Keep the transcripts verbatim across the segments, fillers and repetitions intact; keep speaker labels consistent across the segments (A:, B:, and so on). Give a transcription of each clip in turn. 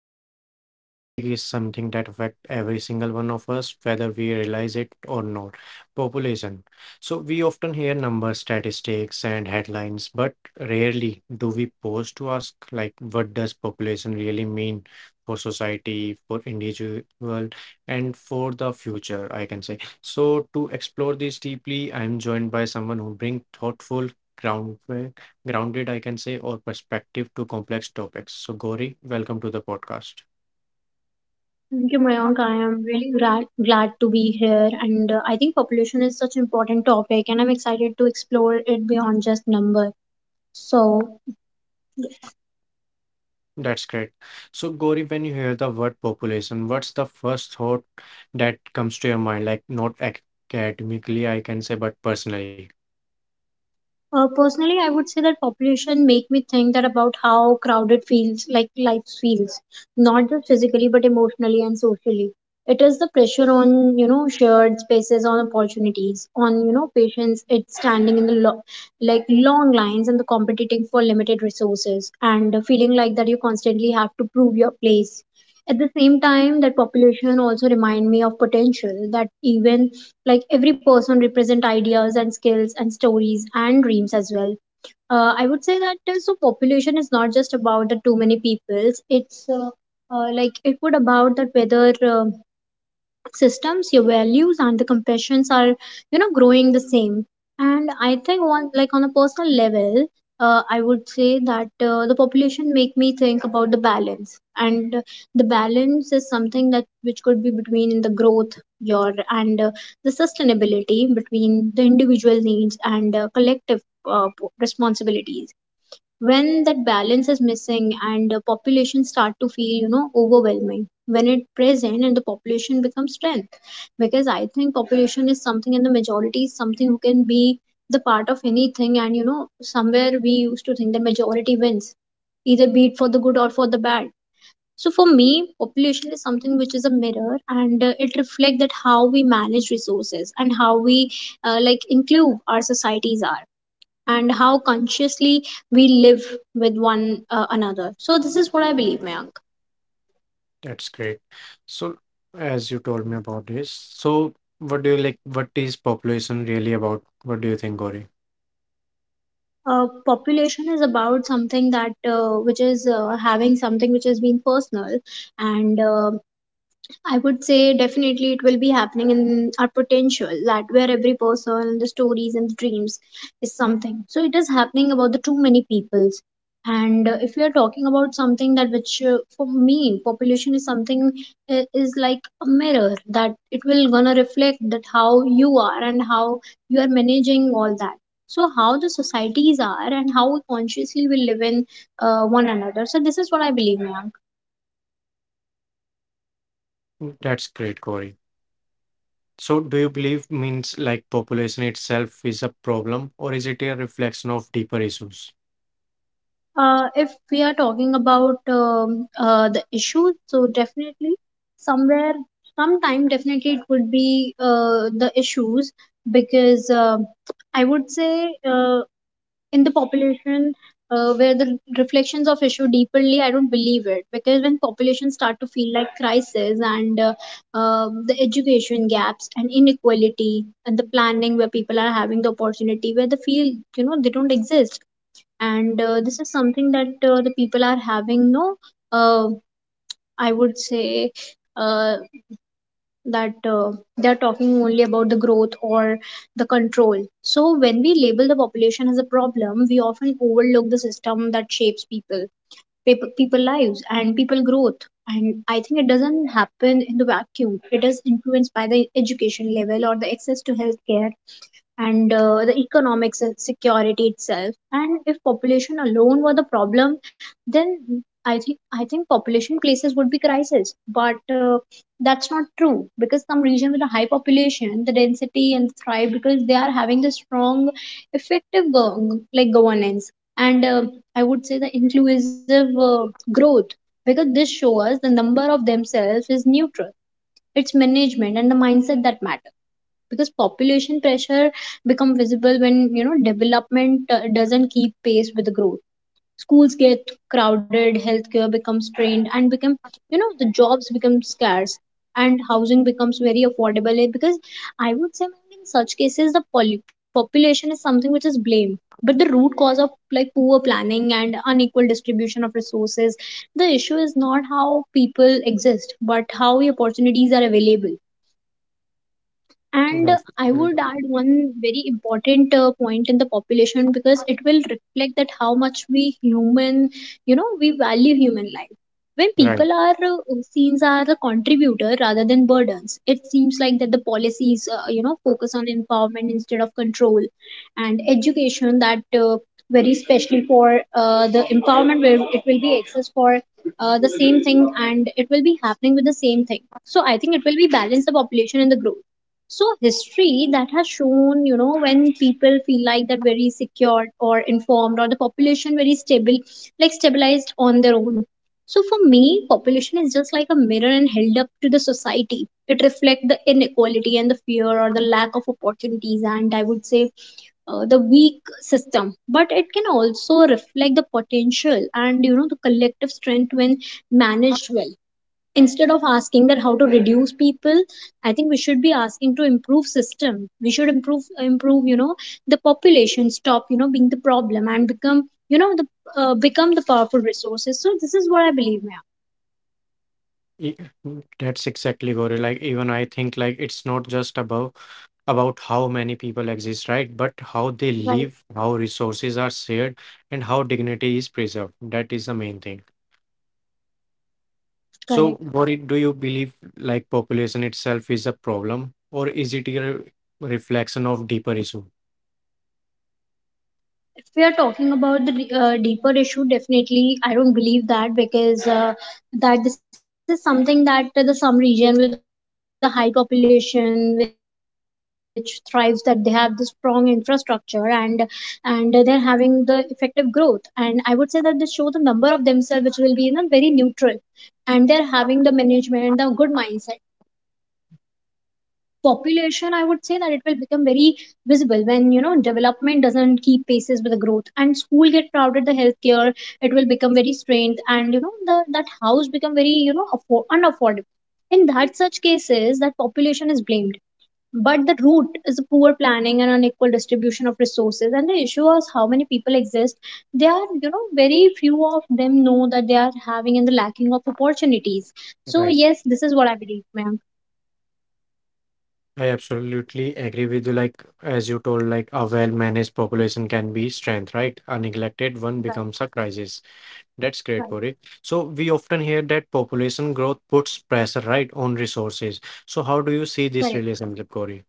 A: Riverside. Today's topic is something that affects every single one of us, whether we realize it or not. Population. So we often hear numbers, statistics, and headlines, but rarely do we pause to ask like what does population really mean for society, for individual, and for the future, I can say. So to explore this deeply, I am joined by someone who brings thoughtful, groundwork grounded, I can say, or perspective to complex topics. So, Gauri, welcome to the podcast.
B: Thank you, Mayank. I am really glad, glad to be here. And uh, I think population is such an important topic, and I'm excited to explore it beyond just number. So,
A: That's great. So, Gauri, when you hear the word population, what's the first thought that comes to your mind? Like, not academically, I can say, but personally.
B: Uh, personally, I would say that population make me think that about how crowded feels, like life feels, not just physically but emotionally and socially. It is the pressure on you know shared spaces, on opportunities, on you know patients. It's standing in the lo- like long lines and the competing for limited resources and the feeling like that you constantly have to prove your place. At the same time, that population also remind me of potential, that even like every person represent ideas and skills and stories and dreams as well. uh, I would say that uh, so population is not just about the too many peoples. It's uh, uh, like it would about that whether uh, systems, your values and the compassions are you know growing the same. And I think one, like, on a personal level, uh, I would say that uh, the population make me think about the balance, and uh, the balance is something that which could be between the growth your and uh, the sustainability, between the individual needs and uh, collective uh, p- responsibilities. When that balance is missing and the population start to feel you know overwhelming, when it present and the population becomes strength. Because I think population is something, and the majority is something who can be the part of anything, and you know somewhere we used to think the majority wins, either be it for the good or for the bad. So for me, population is something which is a mirror, and uh, it reflects that how we manage resources, and how we uh, like include our societies are, and how consciously we live with one uh, another. So this is what I believe, Mayank.
A: That's great. So, as you told me about this, so what do you like? What is population really about? What do you think, Gauri?
B: Uh, population is about something that uh, which is uh, having something which has been personal, and uh, I would say definitely it will be happening in our potential, that where every person and the stories and the dreams is something. So it is happening about the too many peoples. And uh, if we are talking about something that which, uh, for me population is something, uh, is like a mirror, that it will gonna reflect that how you are and how you are managing all that. So how the societies are, and how consciously we live in uh, one another. So this is what I believe, ma'am.
A: Mm, that's great, Gauri. So, do you believe means like population itself is a problem, or is it a reflection of deeper issues?
B: Uh, if we are talking about um, uh, the issues, so definitely somewhere, sometime definitely it would be uh, the issues, because uh, I would say, uh, in the population uh, where the reflections of issue deeply, I don't believe it, because when population start to feel like crisis, and uh, uh, the education gaps and inequality and the planning where people are having the opportunity where they feel you know they don't exist. And uh, this is something that uh, the people are having no, uh, I would say uh, that uh, they are talking only about the growth or the control. So when we label the population as a problem, we often overlook the system that shapes people people, people lives and people growth. And I think it doesn't happen in the vacuum, it is influenced by the education level or the access to healthcare, and uh, the economics and security itself. And if population alone were the problem, then i think i think population places would be crisis. But uh, that's not true, because some region with a high population the density and thrive because they are having the strong effective go- like governance, and uh, I would say the inclusive uh, growth. Because this shows us the number of themselves is neutral, it's management and the mindset that matters. Because population pressure become visible when you know development uh, doesn't keep pace with the growth. Schools get crowded, healthcare becomes strained, and become you know the jobs become scarce, and housing becomes very affordable. Eh, because I would say in such cases the poly- population is something which is blamed, but the root cause of like poor planning and unequal distribution of resources. The issue is not how people exist, but how opportunities are available. And
A: That's
B: I
A: great.
B: would add one very important uh, point in the population, because it will reflect that how much we human, you know we value human life. When
A: Right.
B: people are uh, seen as a contributor rather than burdens, it seems like that the policies uh, you know focus on empowerment instead of control. And education that uh, very especially for uh, the empowerment, where it will be access for uh, the same thing, and it will be happening with the same thing. So I think it will be balance the population and the growth. So history that has shown, you know when people feel like that very secured or informed, or the population very stable, like stabilized on their own. So for me, population is just like a mirror and held up to the society. It reflects the inequality and the fear or the lack of opportunities, and I would say uh, the weak system. But it can also reflect the potential and you know the collective strength when managed well. Instead of asking that how to reduce people, I think we should be asking to improve system. We should improve improve, you know the population stop you know being the problem and become you know the, uh, become the powerful resources. So this is what I believe,
A: E- mm, That's exactly, Gauri. Like even I think like it's not just about about how many people exist, right? But how they
B: ma'am. Right.
A: live, how resources are shared, and how dignity is preserved. That is the main thing. So,
B: Correct.
A: Gauri, do you believe like population itself is a problem, or is it a reflection of deeper issue?
B: If we are talking about the uh, deeper issue, definitely I don't believe that, because uh, that this is something that the some region with a high population which thrives, that they have the strong infrastructure, and and they're having the effective growth. And I would say that they show the number of themselves which will be in a very neutral, and they're having the management the good mindset. Population, I would say that it will become very visible when you know development doesn't keep paces with the growth. And school get crowded, the healthcare it will become very strained. And you know the that house become very you know affo- unaffordable. In that such cases that population is blamed, but the root is a poor planning and unequal distribution of resources. And the issue is how many people exist, they are you know very few of them know that they are having, and the lacking of opportunities. So
A: Right.
B: yes, this is what I believe, ma'am.
A: I absolutely agree with you. Like as you told, like a well-managed population can be strength, right? A neglected one becomes a
B: Right,
A: crisis. That's great, Corey.
B: right,
A: So we often hear that population growth puts pressure, right, on resources. So how do you see this
B: correct.
A: relationship, Corey?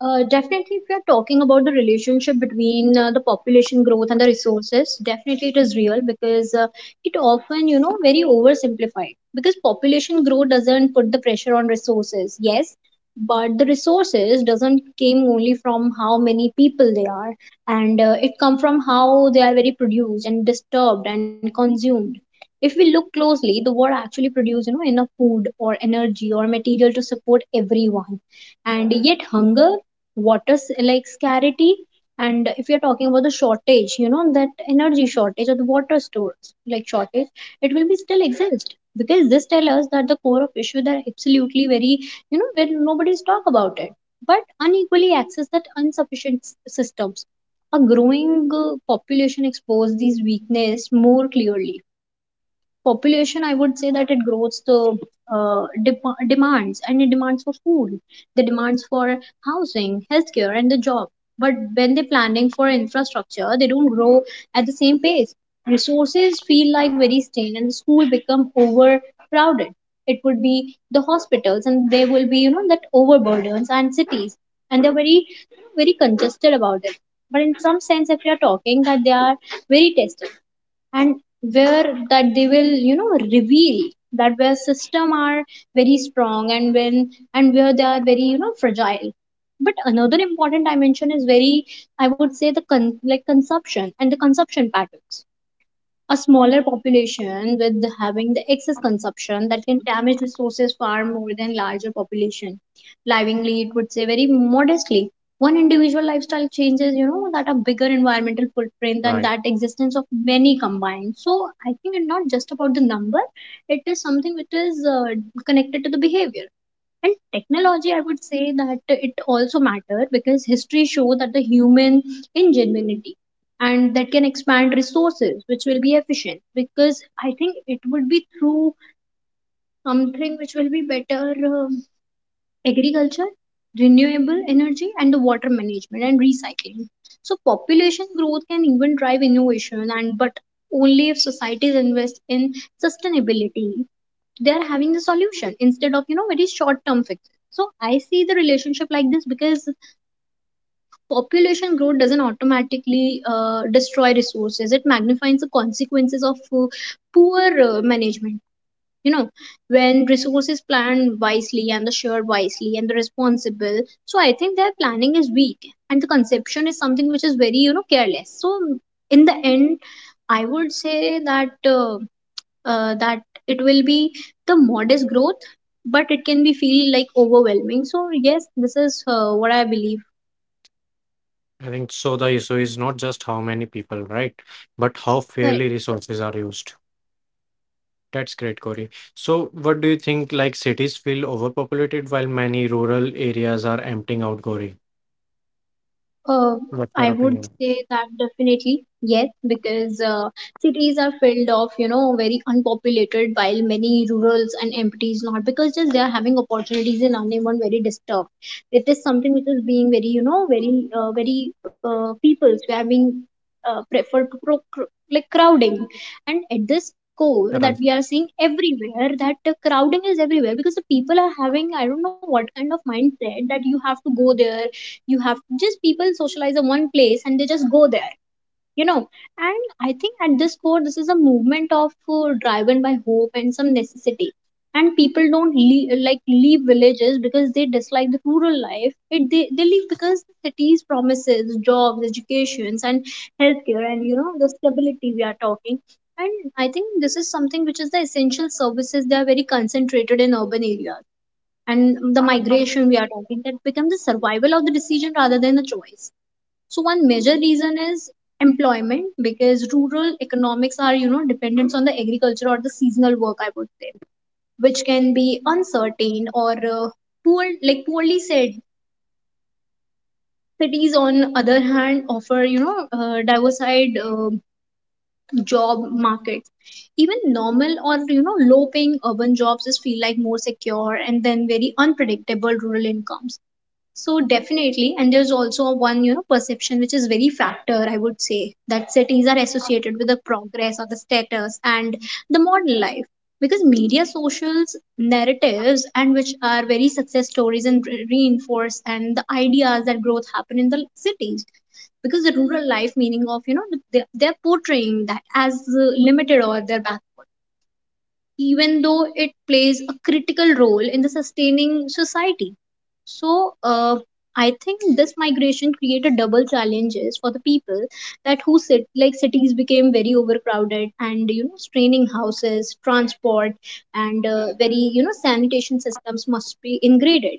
B: Uh, definitely, if we are talking about the relationship between uh, the population growth and the resources, definitely it is real, because uh, it often, you know, very oversimplified. Because population growth doesn't put the pressure on resources, yes, but the resources doesn't came only from how many people they are, and uh, it come from how they are very produced and disturbed and consumed. If we look closely, the world actually produce, you know, enough food or energy or material to support everyone, and yet hunger, water s- like scarcity. And if you're talking about the shortage, you know that energy shortage or the water stores like shortage, it will be still exist, because this tells us that the core of issue that absolutely very, you know where nobody's talk about it, but unequally access that insufficient s- systems. A growing uh, population expose these weakness more clearly. Population, I would say that it grows the uh, dep- demands, and it demands for food, the demands for housing, healthcare and the job. But when they're planning for infrastructure, they don't grow at the same pace. Resources feel like very stale, and the school become overcrowded. It would be the hospitals, and there will be you know that overburdens, and cities, and they're very you know, very congested about it. But in some sense, if you are talking that they are very tested, and where that they will you know reveal that where system are very strong, and when and where they are very you know fragile. But another important dimension is very, I would say, the con- like consumption and the consumption patterns. A smaller population with having the excess consumption that can damage resources far more than larger population, livingly it would say very modestly. One individual lifestyle changes, you know that a bigger environmental footprint than
A: Right.
B: that existence of many combined. So I think it's not just about the number, it is something which is uh, connected to the behavior. And technology, I would say that it also matter, because history show that the human ingenuity, and that can expand resources which will be efficient, because I think it would be through something which will be better. um, Agriculture, renewable energy and the water management and recycling. So population growth can even drive Innovation, and but only if societies invest in sustainability, they are having the solution instead of you know very short term fixes. So I see the relationship like this, because population growth doesn't automatically uh, destroy resources, it magnifies the consequences of uh, poor uh, management. You know when resources planned wisely and the shared wisely and the responsible. So I think their planning is weak and the conception is something which is very you know careless. So in the end, I would say that uh, uh, that it will be the modest growth, but it can be feel like overwhelming. So yes, this is uh, what I believe.
A: I think so. The issue is not just how many people, right, but how
B: Correct.
A: fairly resources are used. That's great, Corey. So, what do you think? Like, cities feel overpopulated while many rural areas are emptying out, Corey.
B: Uh,
A: What's
B: I
A: your
B: would
A: opinion?
B: say that definitely yes, because uh, cities are filled of you know very unpopulated, while many rurals and empties not because just they are having opportunities and unemployed very disturbed. It is something which is being very you know very uh, very uh, people's we are being uh, preferred to pro- cr- like crowding, and at this core that we are
A: Right.
B: seeing everywhere that uh, crowding is everywhere because the people are having I don't know what kind of mindset that you have to go there. You have just people socialize in one place and they just go there, you know and i think at this core this is a movement of uh, driven by hope and some necessity. And people don't leave, like leave villages because they dislike the rural life, it they, they leave because the cities promises jobs, educations, and healthcare, and you know the stability we are talking. And I think this is something which is the essential services, they are very concentrated in urban areas, and the migration we are talking that become the survival of the decision rather than the choice. So one major reason is employment, because rural economics are you know dependent on the agriculture or the seasonal work, I would say, which can be uncertain or uh, poor like poorly said. Cities on other hand offer you know uh, diversified uh, job markets. Even normal or you know low paying urban jobs just feel like more secure and then very unpredictable rural incomes. So definitely, and there's also one, you know, perception which is very factor, I would say, that cities are associated with the progress or the status and the modern life. Because media socials narratives and which are very success stories and re- reinforce and the ideas that growth happen in the cities, because the rural life meaning of you know they, they're portraying that as uh, limited or they're backward, even though it plays a critical role in the sustaining society. So, uh, I think this migration created double challenges for the people, that who sit like cities became very overcrowded and you know straining houses, transport, and uh, very you know sanitation systems must be ingraded.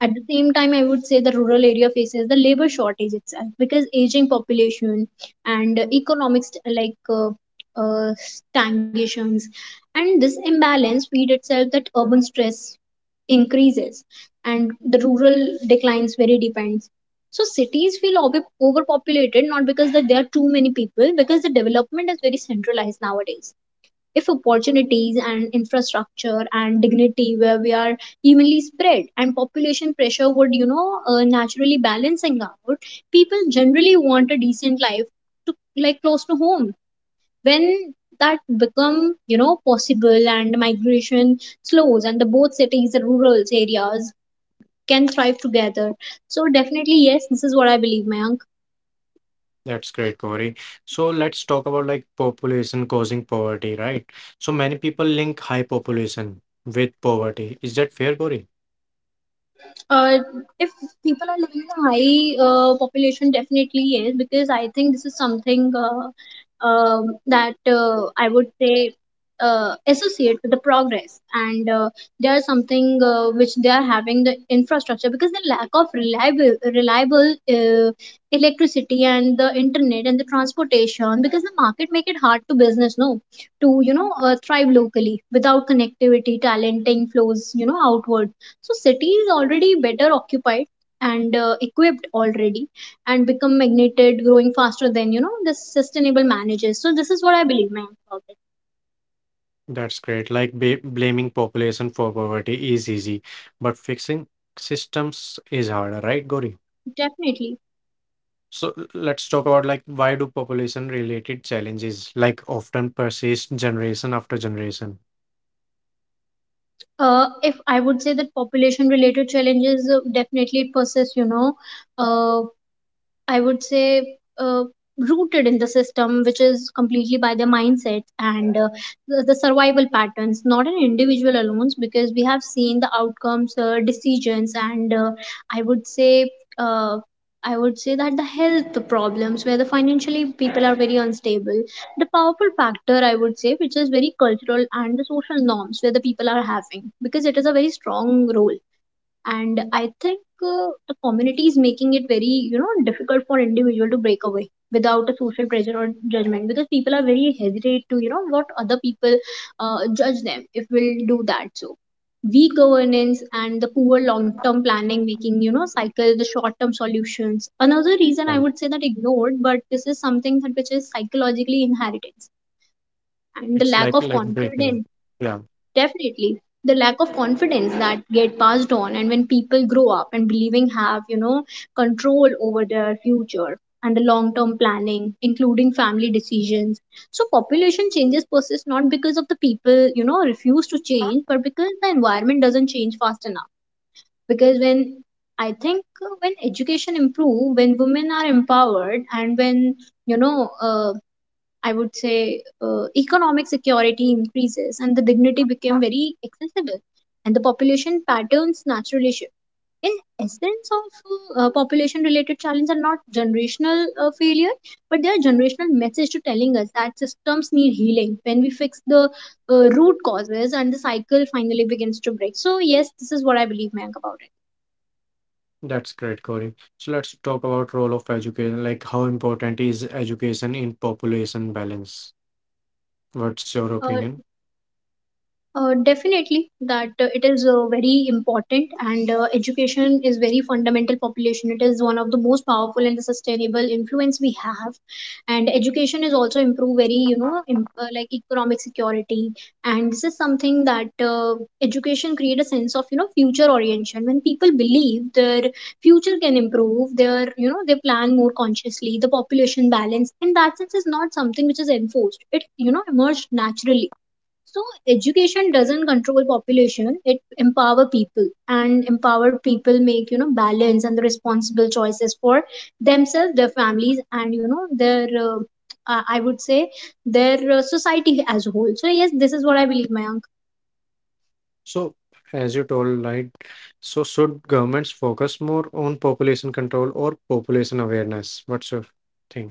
B: At the same time, I would say the rural area faces the labor shortage itself because aging population and economics like uh, uh, stagnations. And this imbalance feed itself that urban stress increases and the rural declines very depends. So cities feel ob- overpopulated not because that there are too many people, because the development is very centralized nowadays. If opportunities and infrastructure and dignity where we are evenly spread, and population pressure would you know uh, naturally balancing out, people generally want a decent life to like close to home. When that become you know possible and migration slows, and the both cities the rural areas can thrive together. So definitely yes, this is what I believe, Mayank.
A: That's great, Corey. So, let's talk about like population causing poverty, right? So, many people link high population with poverty. Is that fair, Corey?
B: uh, if people are living in a high uh, population, definitely yes, because I think this is something uh, um, that uh, I would say uh, associate with the progress, and uh, they are something uh, which they are having the infrastructure, because the lack of reliable reliable uh, electricity and the internet and the transportation, because the market make it hard to business, no, to you know uh, thrive locally without connectivity, talenting flows you know outward. So city is already better occupied and uh, equipped already, and become magneted growing faster than you know the sustainable manages. So this is what I believe, ma'am, about it.
A: That's great. Like, ba blaming population for poverty is easy, but fixing systems is harder, right, Gori?
B: Definitely.
A: So let's talk about like why do population related challenges like often persist generation after generation?
B: Uh, if i would say that population related challenges, uh, definitely it persists, you know uh, I would say, uh, rooted in the system, which is completely by their mindset and uh, the, the survival patterns, not an individual alone, because we have seen the outcomes, uh, decisions, and uh, I would say, uh, I would say that the health problems where the financially people are very unstable, the powerful factor I would say, which is very cultural and the social norms where the people are having, because it is a very strong role. And I think uh, the community is making it very you know difficult for individual to break away without a social pressure or judgment, because people are very hesitate to you know what other people uh, judge them if we'll do that. So weak governance and the poor long term planning making you know cycle the short term solutions, another reason I
A: Um,
B: would say that ignored, but this is something that which is psychologically inheritance and the
A: It's
B: lack
A: like
B: of
A: like breaking.
B: confidence.
A: Yeah,
B: Definitely. The lack of confidence that get passed on, and when people grow up and believing have, you know, control over their future and the long term planning, including family decisions. So population changes persist not because of the people, you know, refuse to change, but because the environment doesn't change fast enough. Because when I think uh, when education improve, when women are empowered, and when, you know, uh, I would say uh, economic security increases and the dignity became very accessible, and the population patterns naturally shift. In essence of uh, population related challenges are not generational uh, failure, but they are generational message to telling us that systems need healing. When we fix the uh, root causes, and the cycle finally begins to break. So yes, this is what I believe, Mayank, about it.
A: that's great, Corey. So let's talk about role of education, like how important is education in population balance? What's your
B: Uh,
A: opinion?
B: Uh, definitely that uh, it is uh, very important, and uh, education is very fundamental population, it is one of the most powerful and the sustainable influence we have. And education is also improve very you know im- uh, like economic security. And this is something that uh, education create a sense of you know future orientation. When people believe their future can improve, their you know they plan more consciously. The population balance in that sense is not something which is enforced, it you know emerged naturally. So education doesn't control population, it empower people, and empower people make you know balance and the responsible choices for themselves, their families, and you know their uh, uh, I would say their uh, society as a whole. So yes, this is what I believe, Mayank.
A: So as you told, right, so should governments focus more on population control or population awareness? What's your thing?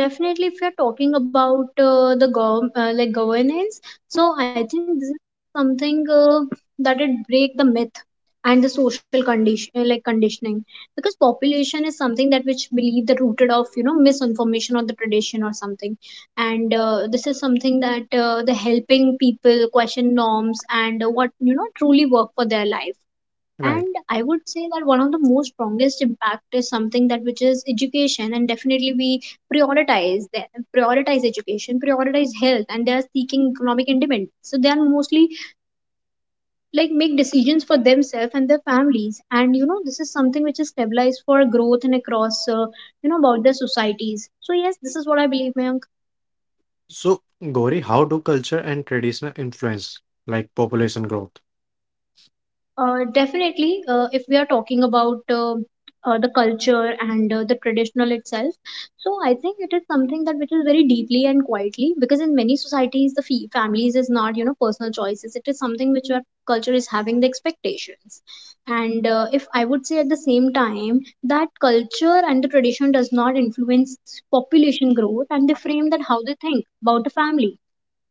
B: Definitely, if you're talking about uh, the gov- uh, like governance, so I think this is something uh, that it break the myth and the social condition, uh, like conditioning, because population is something that which believe the rooted of you know misinformation or the tradition or something. And uh, this is something that uh, the helping people question norms, and uh, what you know truly work for their life.
A: Right.
B: And I would say that one of the most strongest impact is something that which is education, and definitely we prioritize the prioritize education, prioritize health, and they are seeking economic independence. So they are mostly like make decisions for themselves and their families, and you know this is something which is stabilized for growth, and across uh, you know about the societies. So yes, this is what I believe, ma'am.
A: So, Gauri, how do culture and traditional influence like population growth?
B: Uh, definitely, uh, if we are talking about uh, uh, the culture and uh, the traditional itself, so I think it is something that which is very deeply and quietly, because in many societies the fee families is not you know personal choices. It is something which our culture is having the expectations. And uh, if I would say, at the same time, that culture and the tradition does not influence population growth, and they frame that how they think about the family,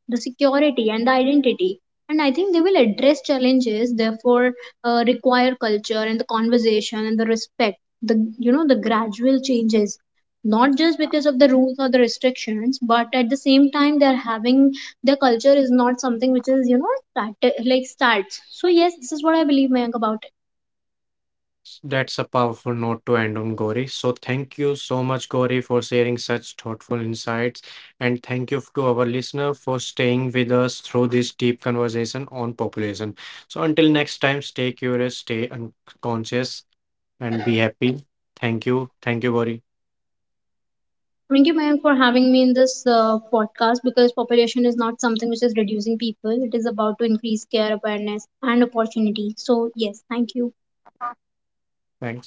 B: the security, and the identity. And I think they will address challenges, therefore uh, require culture and the conversation and the respect, the you know the gradual changes, not just because of the rules or the restrictions, but at the same time they're having, their culture is not something which is you know start, like starts. So yes, this is what I believe, Mayank, about it.
A: That's a powerful note to end on, Gauri. So, thank you so much, Gauri, for sharing such thoughtful insights. And thank you to our listener for staying with us through this deep conversation on population. So, until next time, stay curious, stay unconscious, and be happy. Thank you. Thank you, Gauri.
B: Thank you, Mayank, for having me in this uh, podcast, because population is not something which is reducing people. It is about to increase care, awareness, and opportunity. So yes, thank you.
A: Thanks.